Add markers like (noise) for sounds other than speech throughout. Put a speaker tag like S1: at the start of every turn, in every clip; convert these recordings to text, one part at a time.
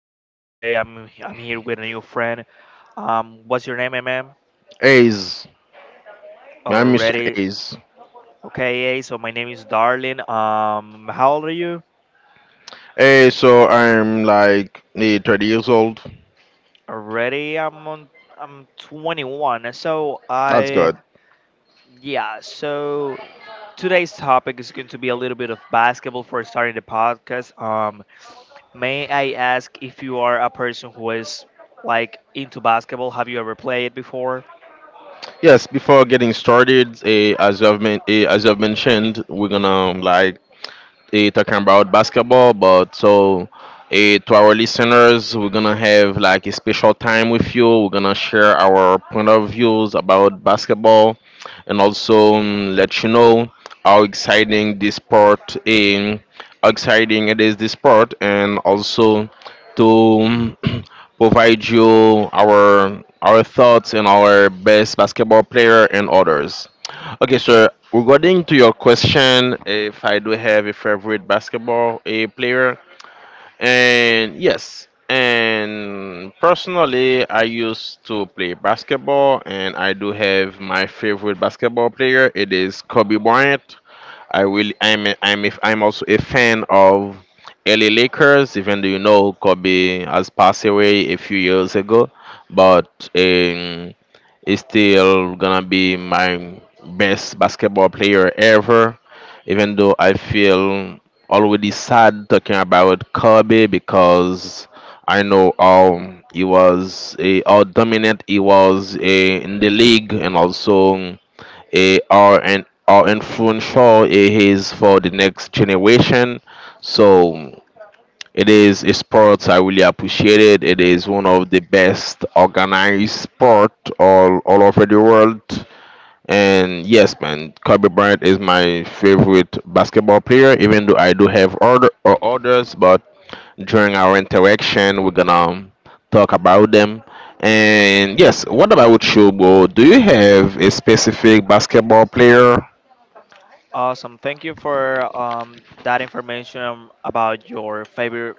S1: Today I'm here with a new friend. What's your name, mm?
S2: A's, I'm Mr.
S1: Already,
S2: A's.
S1: okay. Yeah, so my name is Darlene. How old are you?
S2: Hey, so I'm like 30 years old.
S1: Already, I'm on. I'm 21. So
S2: That's
S1: I,
S2: good.
S1: yeah. So today's topic is going to be a little bit of basketball for starting the podcast. May I ask if you are a person who is like into basketball? Have you ever played before?
S2: Yes, before getting started, as you've mentioned, we're gonna like talking about basketball, but so to our listeners, we're gonna have like a special time with you. We're gonna share our point of views about basketball, and also let you know how exciting this sport in how exciting it is this sport, and also to (clears throat) provide you our thoughts and our best basketball player and others. Okay, so regarding to your question, if I do have a favorite basketball a player, and yes, and personally, I used to play basketball, and I do have my favorite basketball player. It is Kobe Bryant. I really, I'm, a, I'm, a, I'm also a fan of LA Lakers, even though you know Kobe has passed away a few years ago, but he's still gonna be my best basketball player ever, even though I feel already sad talking about Kobe, because I know how dominant he was in the league, and also how influential he is for the next generation. So it is a sport I really appreciate it. It is one of the best organized sport all over the world. And yes, man, Kobe Bryant is my favorite basketball player, even though I do have other or others, but during our interaction, we're gonna talk about them. And yes, what about you, bro? Do you have a specific basketball player?
S1: Awesome. Thank you for that information about your favorite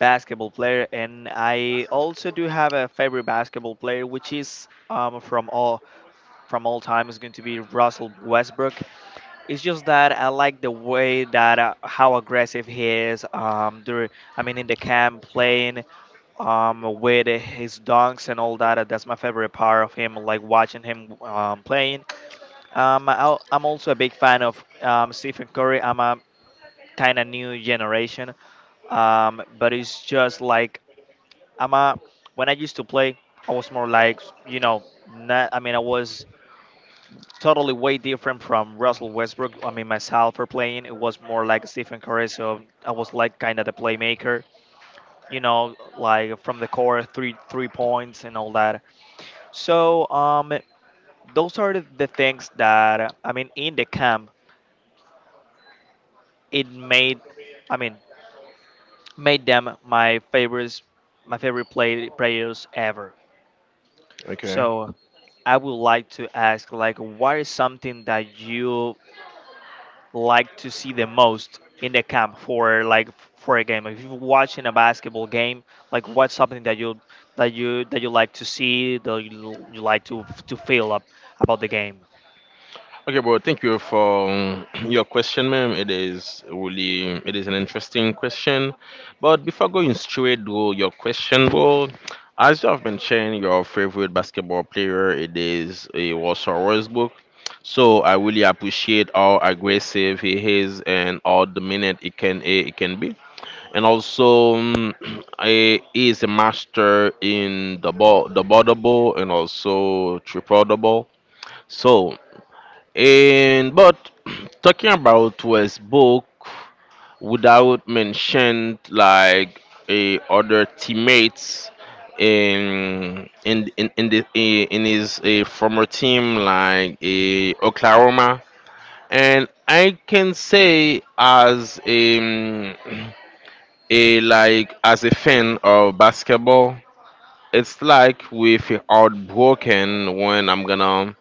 S1: basketball player. And I also do have a favorite basketball player, which is from all time is going to be Russell Westbrook. It's just that I like the way that how aggressive he is. In the camp playing with his dunks and all that. That's my favorite part of him, like watching him playing. I'm also a big fan of Stephen Curry. I'm a kind of new generation. But it's just like I'm a when I used to play, I was more like you know, not, I mean, I was totally way different from Russell Westbrook. I mean, myself for playing, it was more like Stephen Curry, so I was like kind of the playmaker, you know, like from the core, three points and all that. So those are the things that I mean in the camp it made. I mean, made them my favorites, my favorite players ever.
S2: Okay.
S1: So I would like to ask, like, what is something that you like to see the most in the camp for, like, for a game? If you're watching a basketball game, like, what's something that you like to see, that you like to feel up about the game?
S2: Okay, bro. Thank you for (clears throat) your question, ma'am. It is an interesting question. But before going straight to your question, bro, as you have mentioned, your favorite basketball player, it is a Warsaw Westbrook. So I really appreciate how aggressive he is and how dominant it can be. And also, (clears throat) he is a master in the ball double, and also triple double. So and but (clears throat) talking about West Book without mentioned like a other teammates in his a former team like a Oklahoma. And I can say as a, (clears throat) a like as a fan of basketball, it's like we feel heartbroken when I'm gonna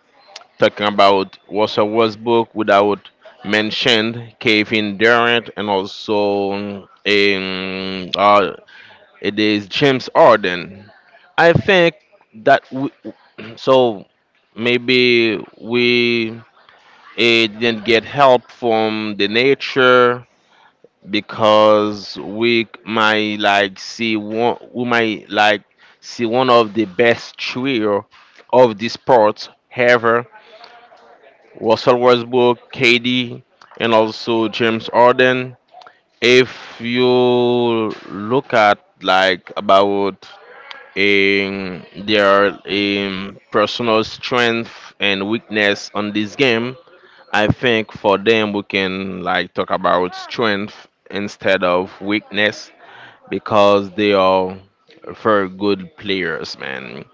S2: talking about Russell Westbrook without mentioned Kevin Durant, and also it is James Harden. I think that we, so maybe we didn't get help from the nature, because we might like see one of the best trio of this sport ever: Russell Westbrook, KD, and also James Harden. If you look at like about their personal strength and weakness on this game, I think for them we can like talk about strength instead of weakness because they are very good players, man.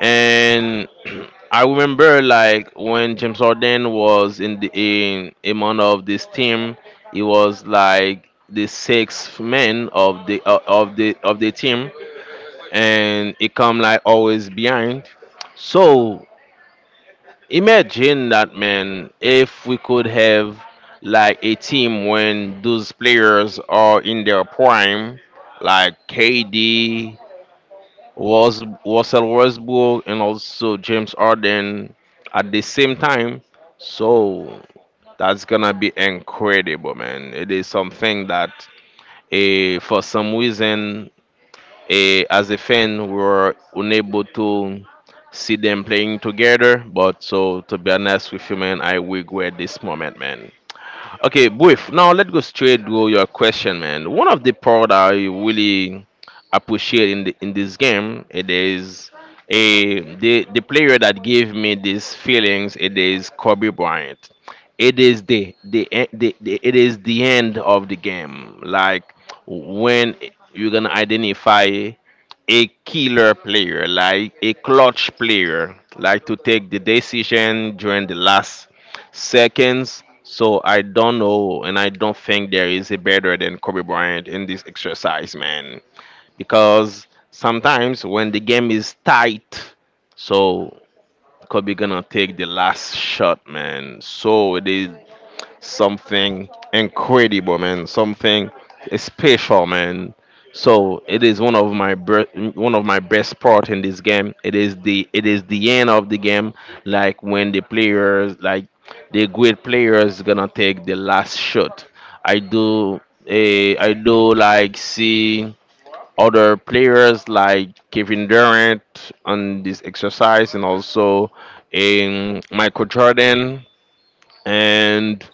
S2: And (clears throat) I remember like when James Harden was in among of this team, he was like the sixth man of the team, and he come like always behind. So imagine that, man, if we could have like a team when those players are in their prime, like KD, was Russell Westbrook, and also James Harden at the same time. So that's gonna be incredible, man. It is something that, for some reason, as a fan, we were unable to see them playing together. But so, to be honest with you, man, I regret this moment, man. Okay, Buif, now let's go straight to your question, man. One of the part I really appreciate in this game, it is a the player that gave me these feelings. It is Kobe Bryant. It is the, e- the, the it is the end of the game. Like when you're gonna identify a killer player, like a clutch player, like to take the decision during the last seconds. So I don't know, and I don't think there is a better than Kobe Bryant in this exercise, man. Because sometimes when the game is tight, so Kobe gonna take the last shot, man. So it is something incredible, man. Something special, man. So it is one of one of my best part in this game. It is the end of the game, like when the great players gonna take the last shot. I do I do like see other players like Kevin Durant on this exercise, and also in Michael Jordan. And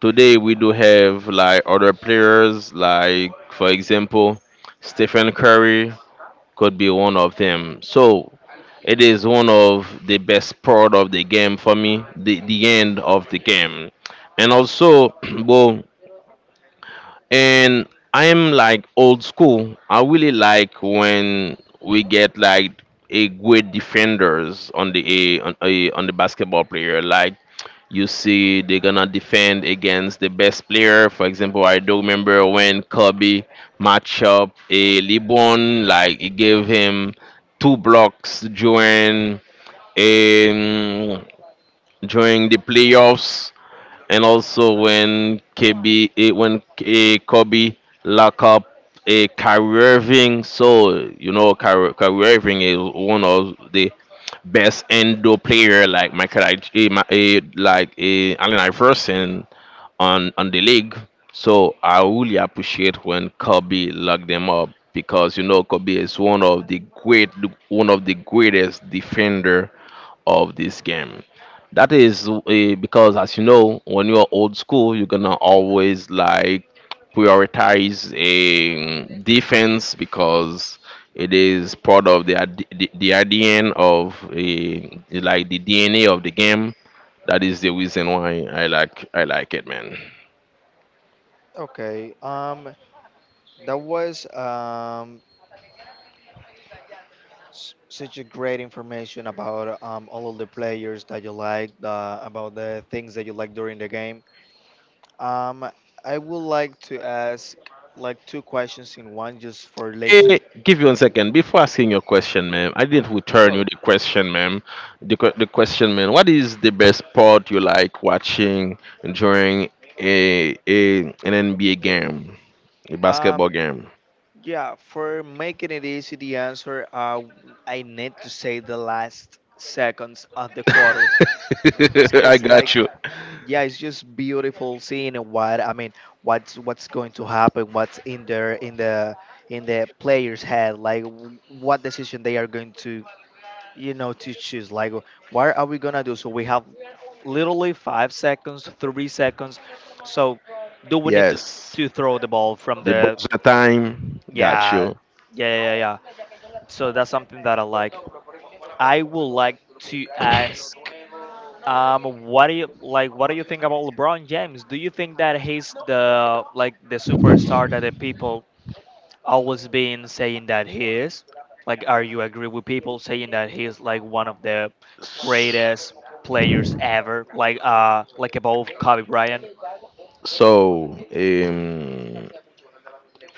S2: today we do have like other players, like for example, Stephen Curry could be one of them. So it is one of the best part of the game for me, the end of the game. And also, (clears throat) well, and I am like old school. I really like when we get like a great defenders on the a, on the basketball player. Like you see, they're gonna defend against the best player. For example, I do remember when Kobe match up a LeBron, like he gave him two blocks um during the playoffs, and also when KB eh, when eh, Kobe lock up a Kyrie Irving. So you know Kyrie Irving is one of the best indoor player like Michael a, like a Allen Iverson on the league. So I really appreciate when Kobe locked them up, because you know Kobe is one of the greatest defender of this game. That is because, as you know, when you're old school, you're gonna always like prioritize a defense, because it is part of the ADN of a like the DNA of the game. That is the reason why I like it, man.
S1: Oh, that was s- such a great information about all of the players that you like, about the things that you like during the game. Um, I would like to ask like two questions in one just for let you
S2: Eh, give you one second before asking your question, ma'am. I didn't return you
S1: sure.
S2: the question, ma'am. The question, ma'am. What is the best sport you like watching during a an NBA game, a
S1: Um,
S2: basketball game?
S1: yeah, for making it easy, the answer, I need to say the last seconds of the quarters. It's
S2: (laughs) I
S1: just like,
S2: got you.
S1: yeah, it's just beautiful seeing what I mean, what's going to happen, what's in there in the player's head, like what decision they are going to, you know, to choose, like what are we gonna do? So we have literally 5 seconds, 3 seconds, so do we need to
S2: Yes,
S1: throw the ball from
S2: the
S1: the
S2: buzzer time. Got
S1: yeah
S2: you.
S1: yeah. So that's something that I like. I would like to ask, what do you like, what do you think about LeBron James? Do you think that he's the superstar that the people always been saying that he is? Like, are you agree with people saying that he's like one of the greatest players ever? Like above Kobe Bryant?
S2: So,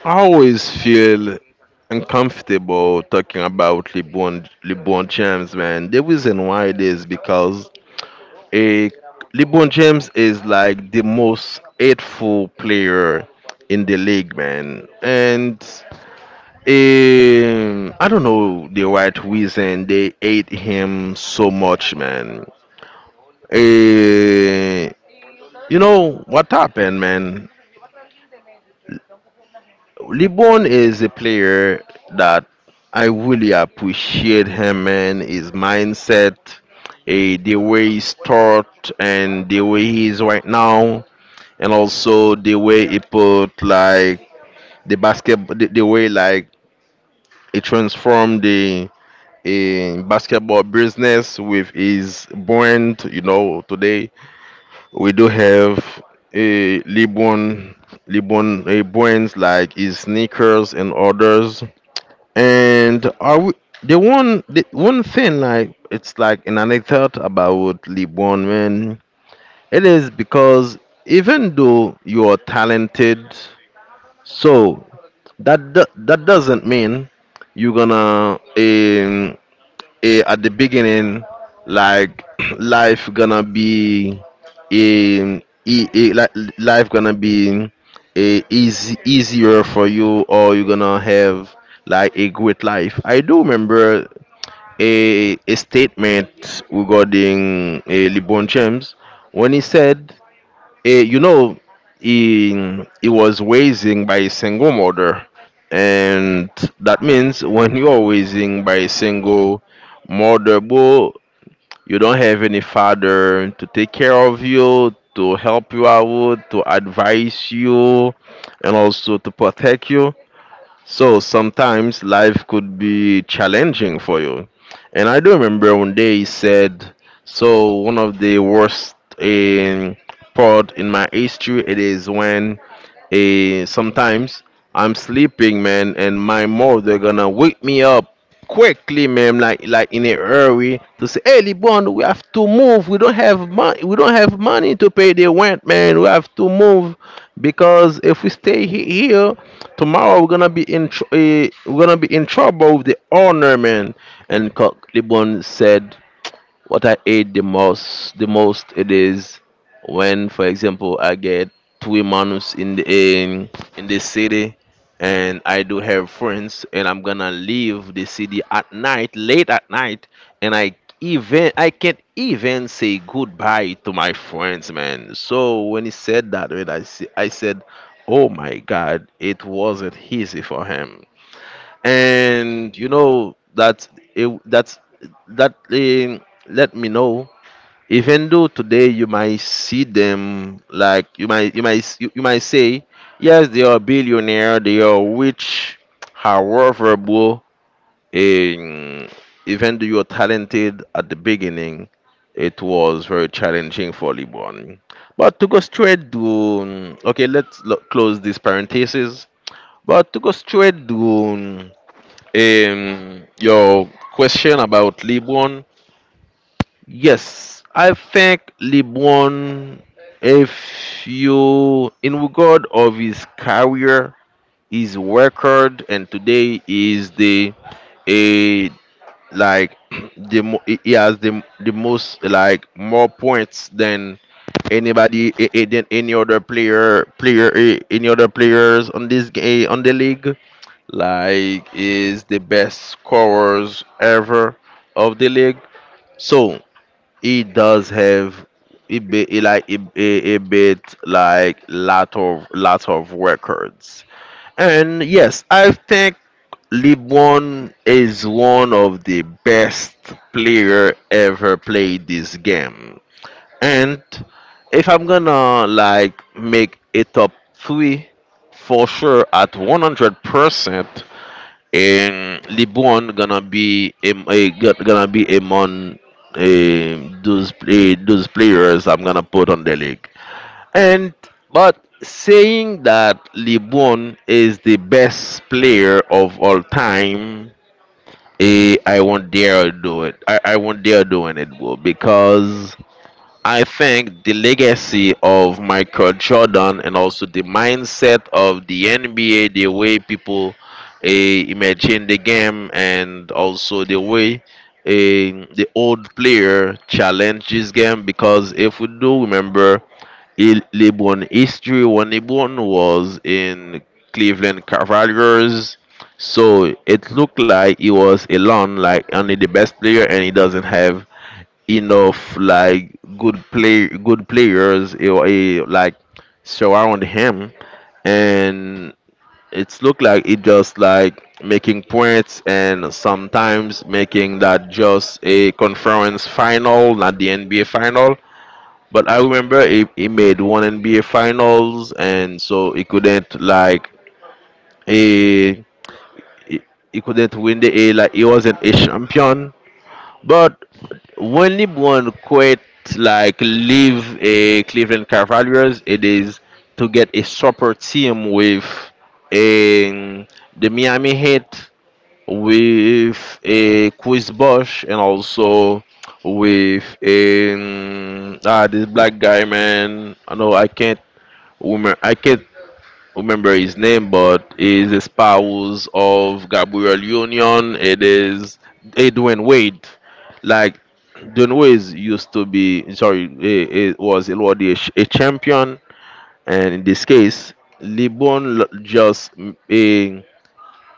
S2: I always feel uncomfortable talking about LeBron James, man. The reason why it is because a LeBron James is like the most hateful player in the league, man. And I don't know the right reason they hate him so much, man. Eh, you know what happened, man? LeBron is a player that I really appreciate him, man, his mindset, the way he's taught and the way he is right now, and also the way he put like the way like he transformed the basketball business with his brand. You know, today we do have a LeBron, LeBron brands like his sneakers and others. And are we the one thing like it's like an anecdote about LeBron, man. It is because even though you are talented, so that doesn't mean you're gonna at the beginning, like (clears throat) life gonna be eh, e- e- li- life gonna be easy easier for you, or you're gonna have like a great life. I do remember a statement regarding LeBron James when he said, Eh, you know, he was raising by a single mother. And that means when you are raising by a single mother, bro, you don't have any father to take care of you, to help you out, to advise you, and also to protect you. So sometimes life could be challenging for you. And I do remember one day he said, so one of the worst in part in my history it is when sometimes I'm sleeping, man, and my mother gonna wake me up quickly, man, like in a hurry to say, hey, Libon, we have to move, we don't have money to pay the rent, man, we have to move, because if we stay here tomorrow we're gonna be in trouble with the owner, man. And Coq Libon said, what I hate the most it is when, for example, I get 2 months in the city, and I do have friends, and I'm gonna leave the city at night, late at night, and I can't even say goodbye to my friends, man. So when he said that, I said, "Oh my God, it wasn't easy for him." And you know that it, that that let me know, even though today you might see them like you might say yes, they are billionaire, they are rich, however, bro, um, even though you are talented at the beginning, it was very challenging for LeBron. But to go straight to, okay, let's close this parenthesis, but to go straight to your question about Libon. Yes, I think Libon, if you, in regard of his career, his record, and today is the a like (clears throat) the mo- he has the most, like, more points than anybody, than any other player any other players on this game on the league. Like is the best scorers ever of the league. So it does have it be it like it bit like lot of records. And yes, I think LeBron is one of the best player ever played this game. And if I'm gonna, like, make a top three, for sure, at 100%, and LeBron gonna be am- a, go- gonna be among, those those players I'm gonna put on the league. And but saying that LeBron is the best player of all time, I won't dare do it. I won't dare doing it, bro, because I think the legacy of Michael Jordan and also the mindset of the NBA, the way people imagine the game, and also the way the old player challenge this game. Because if we do remember LeBron history, when LeBron was in Cleveland Cavaliers, so it looked like he was alone, like only the best player, and he doesn't have enough, like, good players, like, surround him, and it's look like it just like making points and sometimes making that just a conference final, not the NBA final. But I remember he made one NBA finals, and so he couldn't like a he, he couldn't win the a like he wasn't a champion. But when LeBron quit, like, leave a Cleveland Cavaliers, it is to get a super team with a, the Miami Heat, with a Chris Bosh, and also with this black guy, man. I know I can't remember. I can't remember his name, but he's a spouse of Gabriel Union. It is Edwin Wade. Like, Dwayne Wade used to be, sorry, it was a champion, and in this case, LeBron l- just a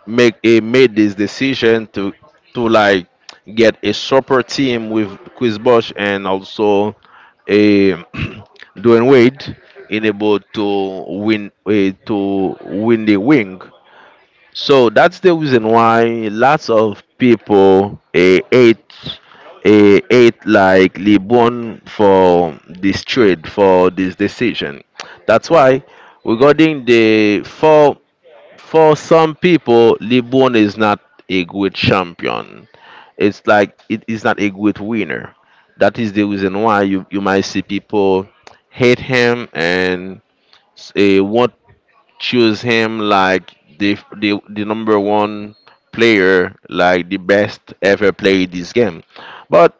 S2: make he made this decision to, like, get a super team with Chris Bosch and also a (clears throat) Dwayne Wade in able to win, to win the wing. So that's the reason why lots of people hate, like, LeBron for this trade, for this decision. That's why regarding the four, for some people, LeBron is not a great champion. It's like it is not a great winner. That is the reason why you might see people hate him and won't choose him like the number one player, like the best ever played this game. But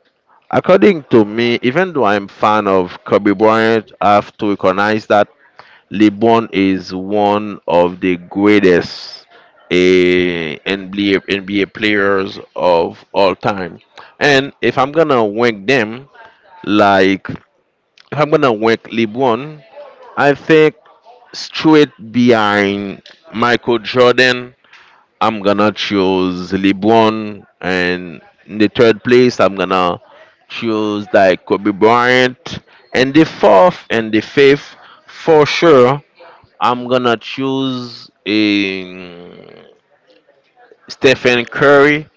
S2: according to me, even though I'm fan of Kobe Bryant, I have to recognize that LeBron is one of the greatest, NBA players of all time. And if I'm gonna rank them, like, if I'm gonna rank LeBron, I think straight behind Michael Jordan, I'm gonna choose LeBron, and in the third place, I'm gonna choose like Kobe Bryant, and the fourth and the fifth, for sure, I'm gonna choose, Stephen Curry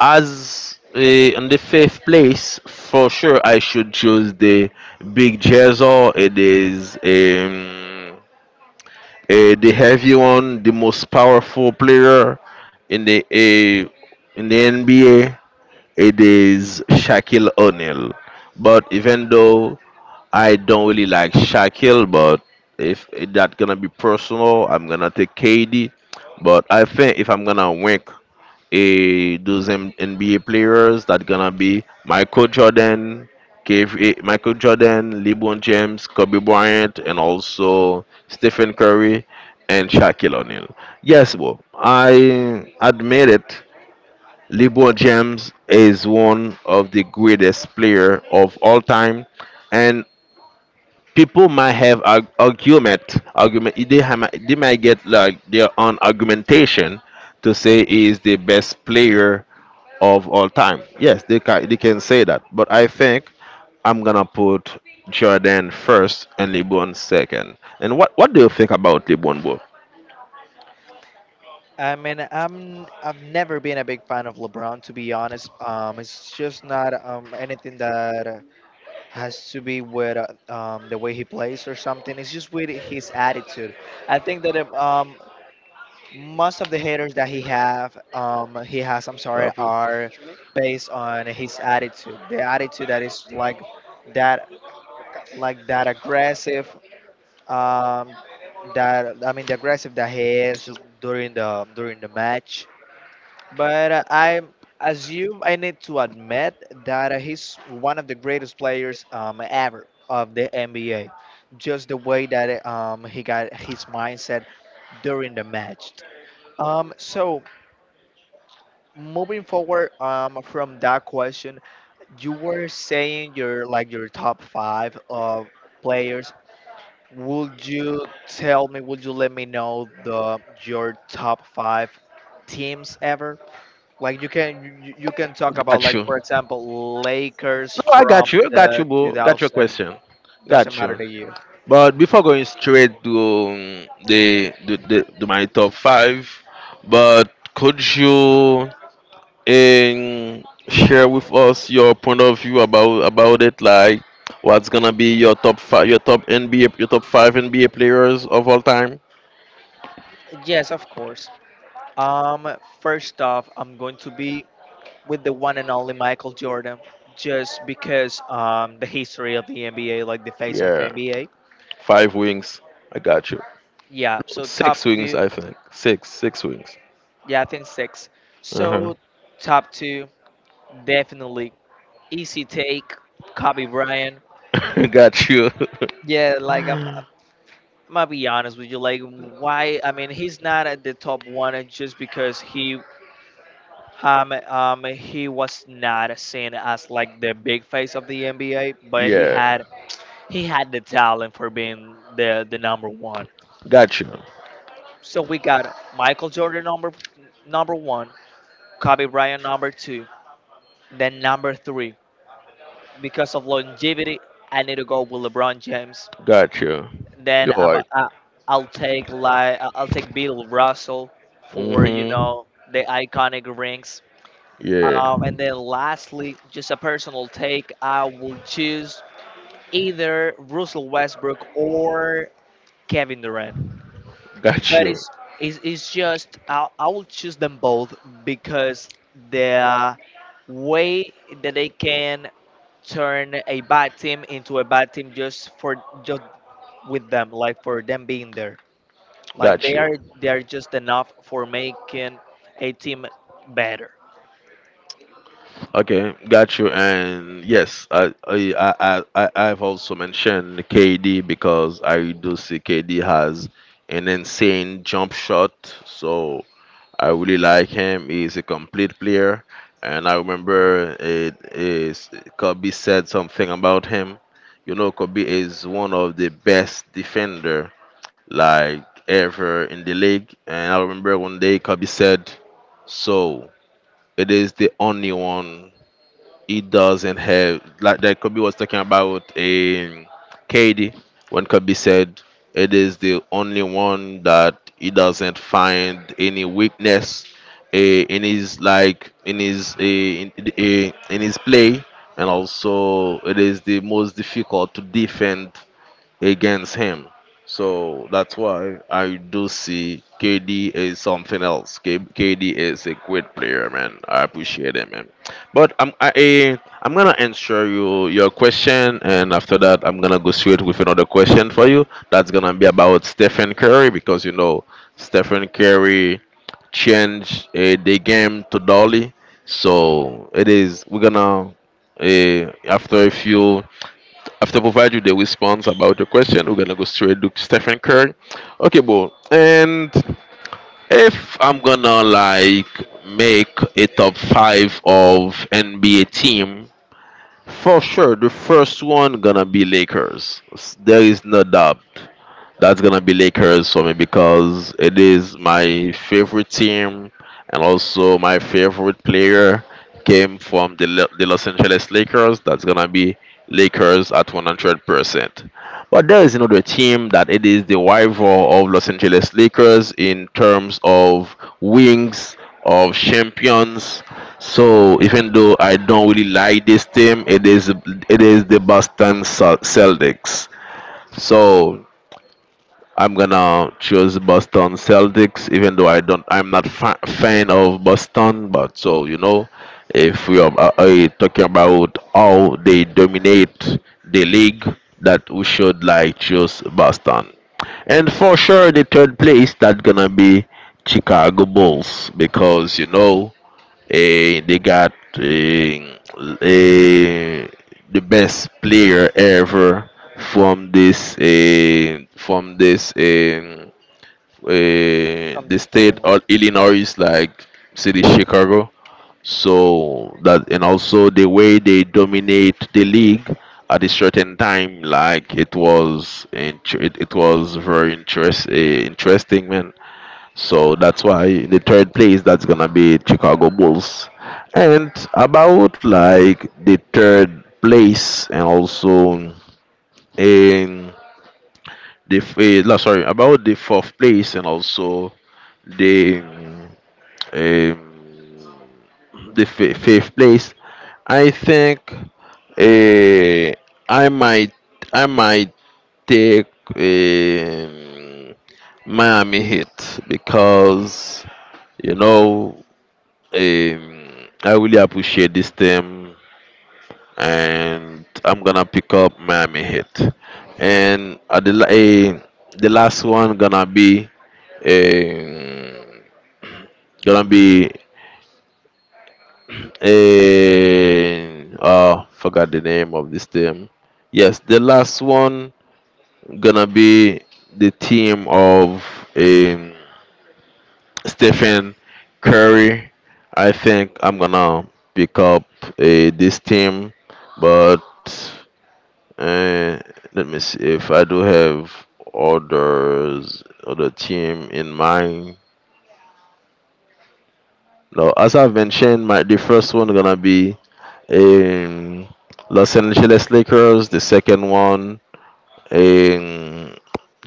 S2: as, in the fifth place. For sure, I should choose the big Jezzo. It is, the heavy one, the most powerful player in the, in the NBA. It is Shaquille O'Neal. But even though I don't really like Shaquille, but if it that gonna be personal, I'm gonna take KD. But I think if I'm gonna rank NBA players, that gonna be Michael Jordan, KF, Michael Jordan, LeBron James, Kobe Bryant, and also Stephen Curry and Shaquille O'Neal. Yes, bro, I admit it. LeBron James is one of the greatest player of all time, and people might have argument. They might get, like, their own argumentation to say he is the best player of all time. Yes, they can, they can say that, but I think I'm gonna put Jordan first and LeBron second. And what do you think about LeBron, bro?
S1: I mean, I've never been a big fan of LeBron, to be honest. It's just not anything that has to be with the way he plays or something. It's just with his attitude. I think that most of the haters that he have he has, I'm sorry, are based on his attitude, the attitude that is that like that aggressive, um that I mean, the aggressive that he is during the match. But I assume I need to admit that he's one of the greatest players ever of the NBA, just the way that he got his mindset during the match. So moving forward, from that question, you were saying your, like your top five of players, would you tell me, would you let me know, the your top five teams ever? Like you can you can talk about,
S2: Got
S1: like,
S2: you.
S1: for
S2: No,
S1: example, Lakers
S2: I
S1: from
S2: got you. I got
S1: the
S2: you, bro, got your
S1: 2000.
S2: question. Got
S1: Doesn't
S2: you.
S1: matter the year.
S2: But before going straight to, the to my top five, but could you, share with us your point of view about it? Like, what's gonna be your top five, your top NBA, your top five NBA players of all time?
S1: Yes, of course. um First off, I'm going to be with the one and only Michael Jordan just because the history of the NBA, like the face of
S2: Yeah,
S1: NBA.
S2: five wings. I got you.
S1: Yeah, so
S2: Six
S1: top
S2: wings,
S1: two.
S2: I think. Six wings.
S1: Yeah, I think six.
S2: Uh
S1: So top two, definitely easy take, Kobe Bryant.
S2: huh. (laughs) Got you.
S1: Yeah, like I'm,
S2: (laughs)
S1: I'm gonna be honest with you. Like, why? I mean, he's not at the top one just because he was not seen as like the big face of the NBA, but
S2: Yeah,
S1: he had the talent for being the number one.
S2: got you,
S1: So we got Michael Jordan number one, Kobe Bryant number two, then number three. Because of longevity, I need to go with LeBron James.
S2: got you.
S1: Then
S2: You're
S1: I'm
S2: right.
S1: I, I'll take Bill Russell for, you
S2: Mm-hmm.
S1: know, the iconic rings.
S2: Yeah.
S1: And then lastly, just a personal take, I will choose either Russell Westbrook or Kevin Durant.
S2: Got
S1: But
S2: you.
S1: it's just, I will choose them both because the way that they can turn a bad team into a bad team, just for just with them, like for them being there, like
S2: Got
S1: they are,
S2: you.
S1: just enough for making a team better
S2: Okay. Got you. And yes, I- I've also mentioned KD because I do see KD has an insane jump shot. So I really like him. He's a complete player, and I remember it is Kobe said something about him. You know, Kobe is one of the best defender like ever in the league. And I remember one day Kobe said, "So it is the only one it doesn't have like that." Kobe was talking about a KD. When Kobe said it is the only one that he doesn't find any weakness, in his, in his play, and also it is the most difficult to defend against him. So that's why I do see KD is something else. KD is a great player, man. I appreciate him, man. But I'm gonna answer you your question, and after that, I'm gonna go straight with another question for you. That's gonna be about Stephen Curry because, you know, Stephen Curry changed, the game to Dolly. So it is we're gonna, after a few, after provide you the response about the question, we're gonna go straight to Stephen Curry. Okay, bro. And if I'm gonna, like, make a top five of NBA team, for sure, the first one gonna be Lakers. There is no doubt. That's gonna be Lakers for me because it is my favorite team, and also my favorite player came from the Los Angeles Lakers. That's gonna be Lakers at 100%. But there is another team that it is the rival of Los Angeles Lakers in terms of wings of champions. So even though I don't really like this team, it is the Celtics. So I'm gonna choose Boston Celtics, even though I'm not fan of Boston. But so, you know, if we are, talking about how they dominate the league, that we should, like, choose Boston. And for sure, the third place, that gonna be Chicago Bulls because, you know, they got, eh, the best player ever from from
S1: from
S2: the
S1: this
S2: state
S1: team,
S2: of Illinois, like, city Chicago. So that, and also the way they dominate the league at a certain time, like, it, it was very interesting, man. So that's why in the third place, that's gonna be Chicago Bulls. And about, like, the third place and also in the f- eh, la- sorry, about the fourth place and also the, um, the fifth place. I think, uh, I might I might take, um, Miami Heat because, you know, Um, I really appreciate this team, and I'm gonna pick up Miami Heat. And at the, the last one gonna be, um, gonna be oh, forgot the name of this team. Yes, the last one gonna be the team of, um, Stephen Curry. I think I'm gonna pick up, this team, but, uh, let me see if I do have other team in mind. Now, as I've mentioned, my the first one gonna be, um, Los Angeles Lakers. The second one, um,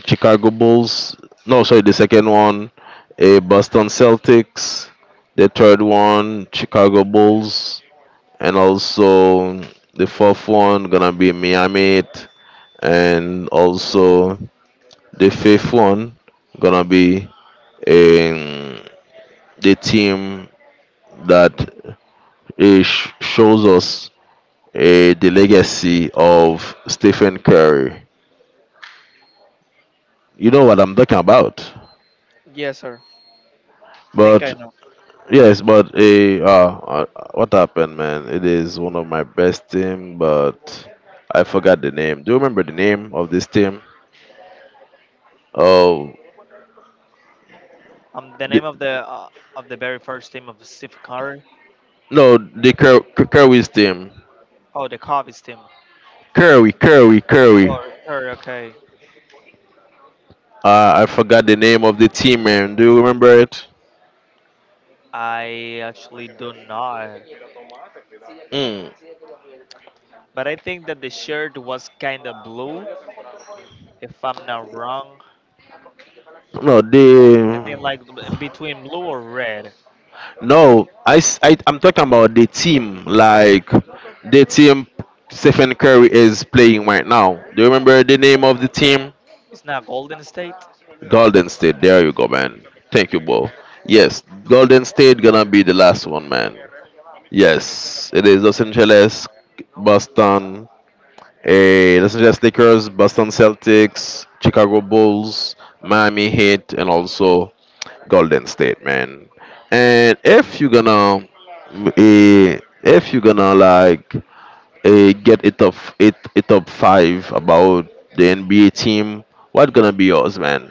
S2: Chicago Bulls. No, sorry, the second one, A Boston Celtics. The third one, Chicago Bulls, and also the fourth one gonna be Miami Heat, and also the fifth one gonna be, um, the team that, shows us, the legacy of Stephen Curry. You know what I'm talking about.
S1: yes sir. Think I
S2: But
S1: know
S2: Yes, but what happened, man? It is one of my best team, but I forgot the name. Do you remember the name of this team? Oh,
S1: the
S2: the,
S1: name of the very first team of Steve Curry.
S2: no, the Cur- Cur- Curry's team.
S1: Oh, the Cubs team.
S2: Curry.
S1: Oh, Curry, okay.
S2: I forgot the name of the team, man. Do you remember it?
S1: I actually do not.
S2: Mm.
S1: But I think that the shirt was kind of blue, if I'm not wrong.
S2: No, they.
S1: I think like between blue or red.
S2: No, I am talking about the team, like, the team Stephen Curry is playing right now. Do you remember the name of the team?
S1: It's not Golden State.
S2: Golden State. There you go, man. Thank you, bro. Yes, Golden State gonna be the last one, man. Yes, it is Los Angeles, Boston, Los Angeles Lakers, Boston Celtics, Chicago Bulls, Miami Heat, and also Golden State, man. And if you're gonna, if you're gonna like get a top it a top five about the NBA team, what gonna be yours, man?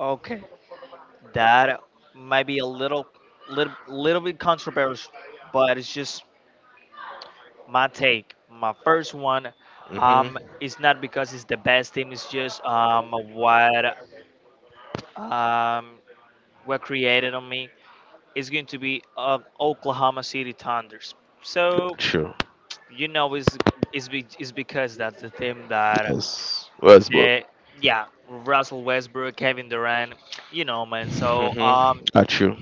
S1: Okay, that might be a little bit controversial, but it's just my take. My first one,
S2: hmm
S1: it's not because it's the best team. It's just um what created on me is going to be Oklahoma City Thunders. So
S2: True.
S1: you know is because that's the thing that
S2: Yes. Yes, but
S1: the yeah, Russell Westbrook, Kevin Durant, (tsk) you know, man. So
S2: hmm Are true.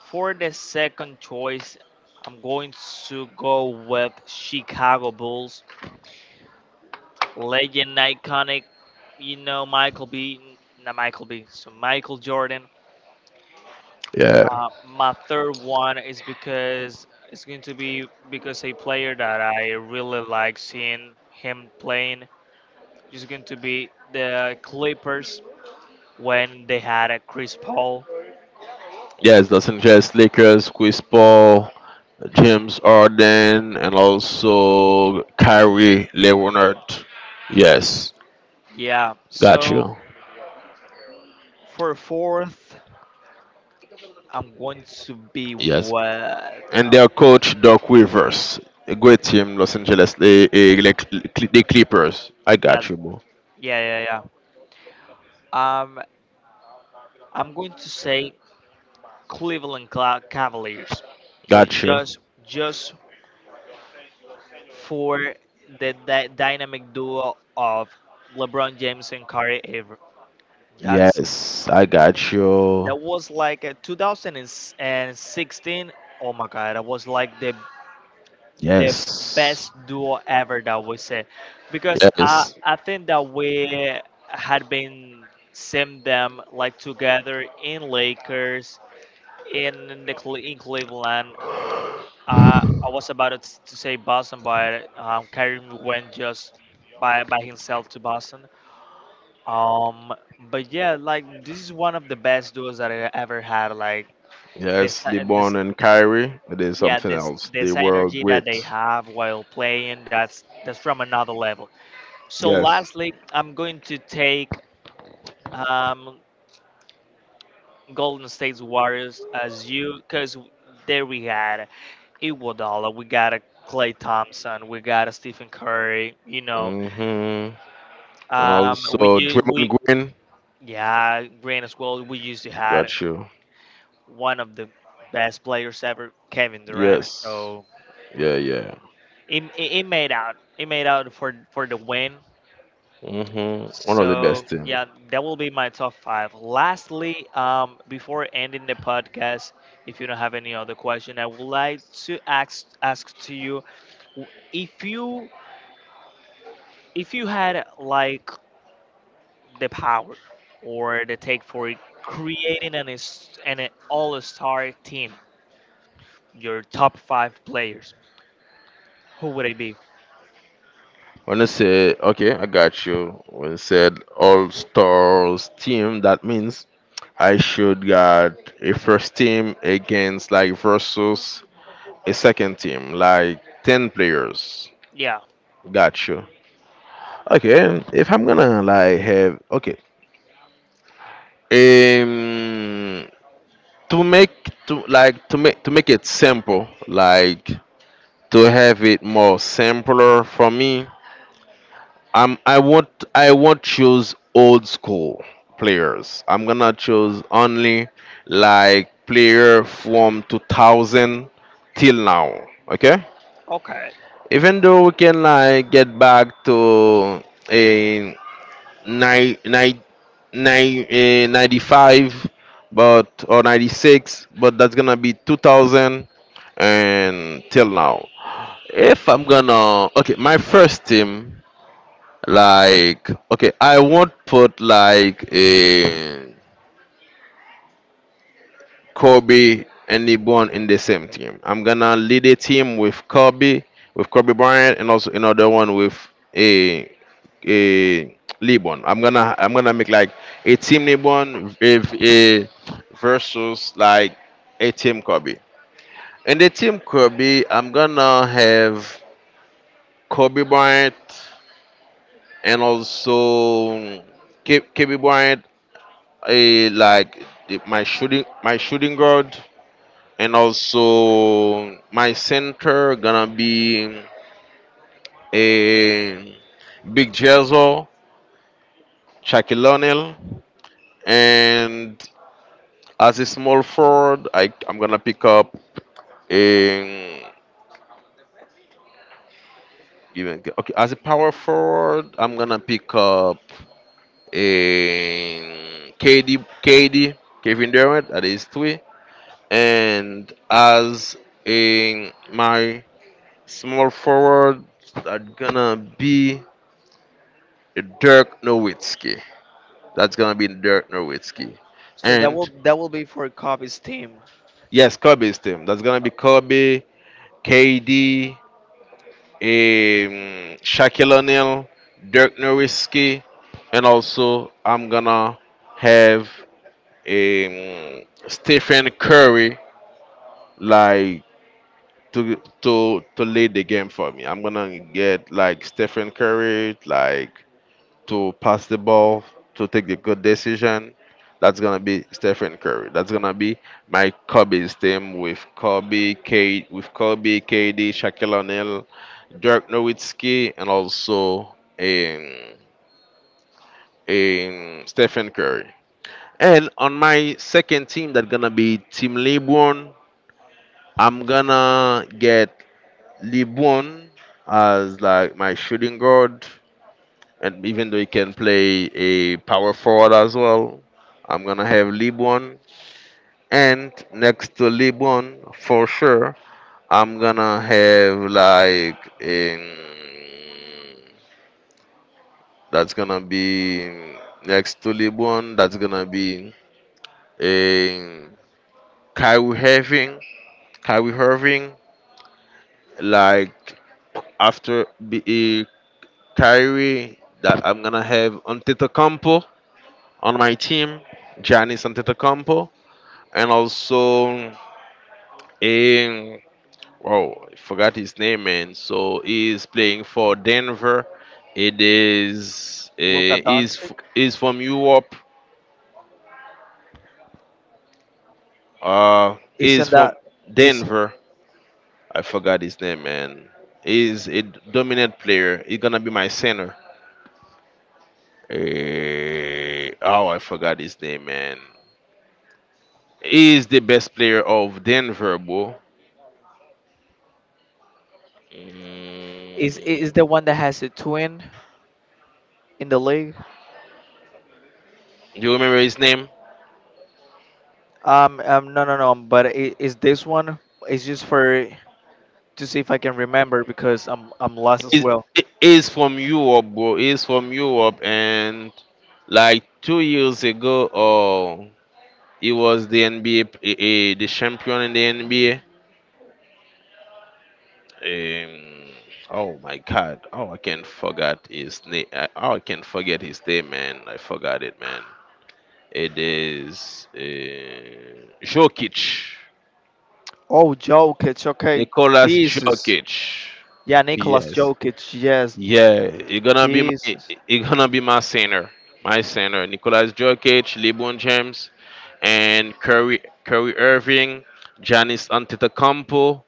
S1: for the second choice, I'm going to go with Chicago Bulls, legend, iconic, you know, Michael B. Not Michael B. So Michael Jordan.
S2: Yeah.
S1: My third one is because it's going to be because a player that I really like seeing him playing, it's going to be the Clippers when they had a Chris Paul.
S2: Yes, Los Angeles Lakers, Chris Paul, James Harden, and also Kyrie Leonard. Yes,
S1: Yeah.
S2: got you.
S1: So for fourth, I'm going to be
S2: Yes,
S1: what?
S2: and their coach Doc Rivers, a great team, Los Angeles the Clippers. I
S1: Yeah,
S2: got you, bro.
S1: yeah, yeah, yeah. Um, I'm going to say Cavaliers, but
S2: Got you.
S1: just for the dynamic duo of LeBron James and Kyrie Irving. That's,
S2: Yes, I got you.
S1: that was like a 2016. Oh my God, that was like the the
S2: Yes,
S1: best duo ever that we see, because I
S2: yes.
S1: I think that we had been seeing them like together in Lakers in the Cle- in Cleveland. I was about to say Boston, but Kyrie went just by himself to Boston. Um, but yeah, like this is one of the best duos that I ever had. Like this,
S2: Yes,
S1: this
S2: LeBron and Kyrie, it is
S1: yeah,
S2: something
S1: this
S2: else. They
S1: this
S2: were
S1: energy that they
S2: great.
S1: have while playing, that's from another level. So
S2: Yes.
S1: lastly, I'm going to take um Golden State's Warriors, as you, because there we had Iguodala, we got a Clay Thompson, we got a Stephen Curry, you know,
S2: Mm-hmm. And
S1: we
S2: also
S1: you
S2: Draymond
S1: we
S2: Green.
S1: yeah, Green as well, we used to had
S2: Got you.
S1: one of the best players ever, Kevin Durant.
S2: Yes.
S1: So
S2: Yeah, yeah.
S1: it made out, it made out for the win.
S2: Mm-hmm. One of the
S1: So
S2: best team.
S1: yeah, that will be my top five. Lastly, before ending the podcast, if you don't have any other question, I would like to ask to you, if you, if you had like the power or the take for creating an all star team, your top five players, who would it be?
S2: When I say okay, I got you. When I said All Stars team, that means I should got a first team against like versus a second team, like 10 players.
S1: Yeah.
S2: Got you. Okay, if I'm gonna like have okay, um, to make to like to make it simple, like to have it more simpler for me, I'm I won't I won't choose old school players. I'm gonna choose only like player from 2000 till now. Okay,
S1: Okay.
S2: even though we can like get back to a 9 nine, 95 but or 96, but that's gonna be 2000 and till now. If I'm gonna, okay, my first team, like okay, I won't put like a Kobe and LeBron in the same team. I'm gonna lead a team with Kobe Bryant, and also another one with a a LeBron. I'm gonna make like a team LeBron with a versus like a team Kobe. In the team Kobe, I'm gonna have Kobe Bryant and also Kobe Bryant, a like the, my shooting guard, and also my center gonna be a Big Jezzo, Shaquille O'Neal, and as a small forward, I'm gonna pick up a even, okay, as a power forward, I'm gonna pick up a KD KD Kevin Durant, that is three, and as a my small forward, that gonna be Dirk Nowitzki. That's gonna be Dirk Nowitzki.
S1: So that will,
S2: And
S1: that will be for Kobe's team.
S2: yes, Kobe's team. That's gonna be Kobe, KD, Shaquille O'Neal, Dirk Nowitzki, and also I'm gonna have Stephen Curry like to to lead the game for me. I'm gonna get like Stephen Curry, like to pass the ball, to take the good decision, that's gonna be Stephen Curry. That's gonna be my Kobe's team with Kobe, K with Kobe, KD, Shaquille O'Neal, Dirk Nowitzki, and also in Stephen Curry. And on my second team, that's gonna be Team LeBron. I'm gonna get LeBron as like my shooting guard. And even though he can play a power forward as well, I'm gonna have LeBron. And next to LeBron, for sure, I'm gonna have like that's gonna be next to LeBron. That's gonna be um, Kyrie Irving. Kyrie Irving. Like after be Kyrie, that I'm gonna have Antetokounmpo on my team. Giannis Antetokounmpo. And also in oh, I forgot his name, man. So he is playing for Denver. It is
S1: Luka Doncic.
S2: is from Europe. Is
S1: Isn't
S2: from
S1: that,
S2: Denver. I forgot his name, man. Is a dominant player. He's gonna be my center. Oh, I forgot his name, man. He is the best player of Denver, bro.
S1: Is
S2: Mm,
S1: is the one that has a twin in the league?
S2: do you remember his name?
S1: No, no, no. But I is this one? It's just for to see if I can remember, because I'm lost as
S2: is
S1: well.
S2: is from Europe, bro. Is from Europe, and like 2 years ago, oh, he was the NBA, the champion in the NBA. Um, oh my God! Oh, I can't forget his name. Oh, I can't forget his name, man. I forgot it, man. It is Jokic,
S1: Oh, Jokic. Okay,
S2: Nicolas
S1: Jesus.
S2: Jokic.
S1: Yeah, Nicolas
S2: Yes,
S1: Jokic. Yes,
S2: yeah, it's gonna be my
S1: Jesus.
S2: center, my center. Nicolas Jokic, LeBron James, and Curry Irving, Giannis Antetokounmpo,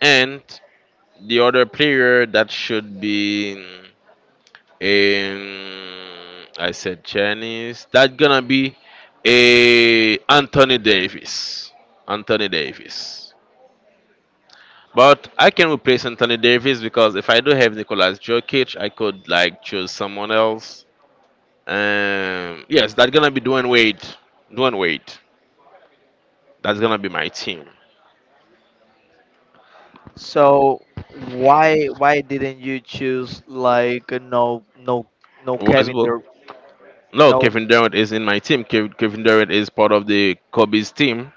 S2: and the other player that should be in, I said Giannis. That's gonna be a Anthony Davis. Anthony Davis. But I can replace Anthony Davis, because if I do have Nicolas Jokic, I could like choose someone else. Yes, that's gonna be Dwayne Wade. Dwayne Wade. That's gonna be my team.
S1: So why didn't you choose like no Kevin
S2: Westbrook.
S1: there?
S2: No,
S1: No?
S2: Kevin Durant is in my team. Kevin Durant is part of the Kobe's team.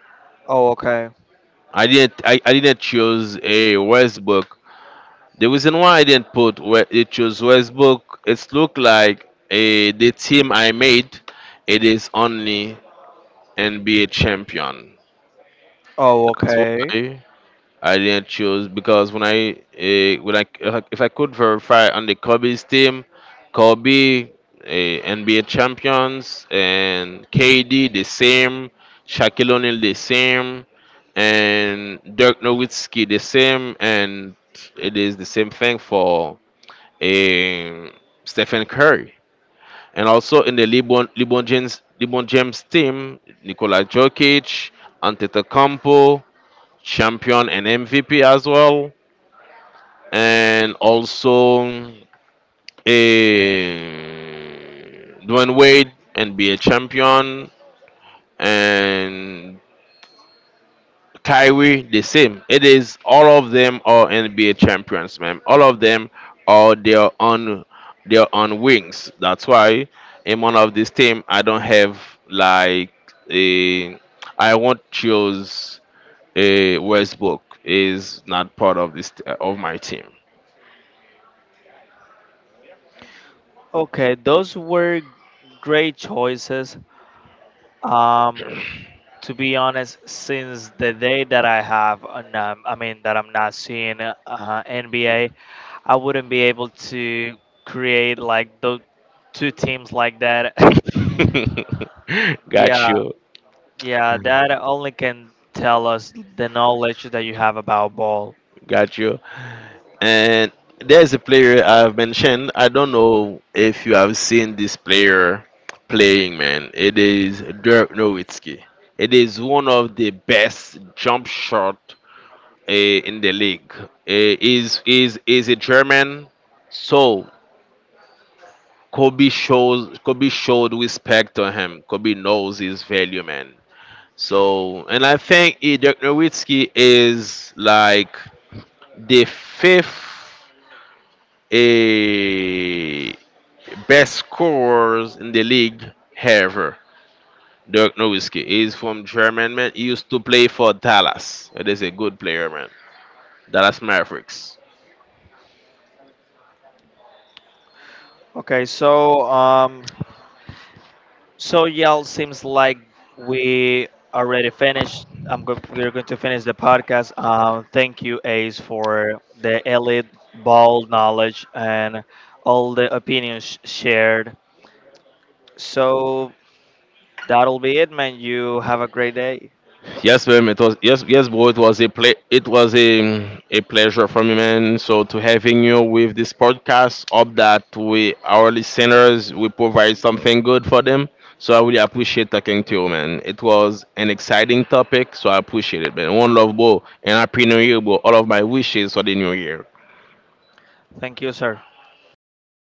S1: Oh, okay.
S2: I didn't. I didn't choose a Westbrook. The reason why I didn't put we- it chose Westbrook, it's look like a the team I made. It is only NBA champion.
S1: Oh,
S2: That's
S1: okay.
S2: why. I didn't choose because when I if, I if I could verify on the Kobe's team, Kobe, NBA champions, and KD the same, Shaquille O'Neal the same, and Dirk Nowitzki the same, and it is the same thing for um Stephen Curry. And also in the LeBron, LeBron James team, Nikola Jokic, Antetokounmpo, champion and MVP as well, and also a Dwayne Wade and be a champion, and Kyrie the same. It is all of them are NBA champions, man. All of them are their own wings. That's why in one of this team I don't have like a I won't choose a Westbrook, is not part of this of my team.
S1: Okay, those were great choices. Um, to be honest, since the day that I have, an, I mean, that I'm not seeing NBA, I wouldn't be able to create like those two teams like that.
S2: (laughs)
S1: (laughs)
S2: Got
S1: Yeah,
S2: you,
S1: yeah, that only can tell us the knowledge that you have about ball.
S2: got you. And there's a player I've mentioned. I don't know if you have seen this player playing, man. It is Dirk Nowitzki. It is one of the best jump shot in the league. Is a German, so Kobe showed respect to him. Kobe knows his value, man. So, and I think Dirk Nowitzki is like the fifth eh, best scorers in the league ever. Dirk Nowitzki is from German, man. He used to play for Dallas. It is a good player, man. Dallas Mavericks.
S1: Okay, so y'all seems like we already finished. We're going to finish the podcast. Thank you, Ace, for the elite ball knowledge and all the opinions shared. So that'll be it, man. You have a great day.
S2: Yes, ma'am. It was yes, yes, bro. It was a play. It was a pleasure for me, man. So to having you with this podcast, hope that we our listeners we provide something good for them. So I really appreciate talking to you, man. It was an exciting topic, so I appreciate it, man. One love, bro, and happy New Year, bro. All of my wishes for the new year.
S1: Thank you, sir.
S2: You're welcome.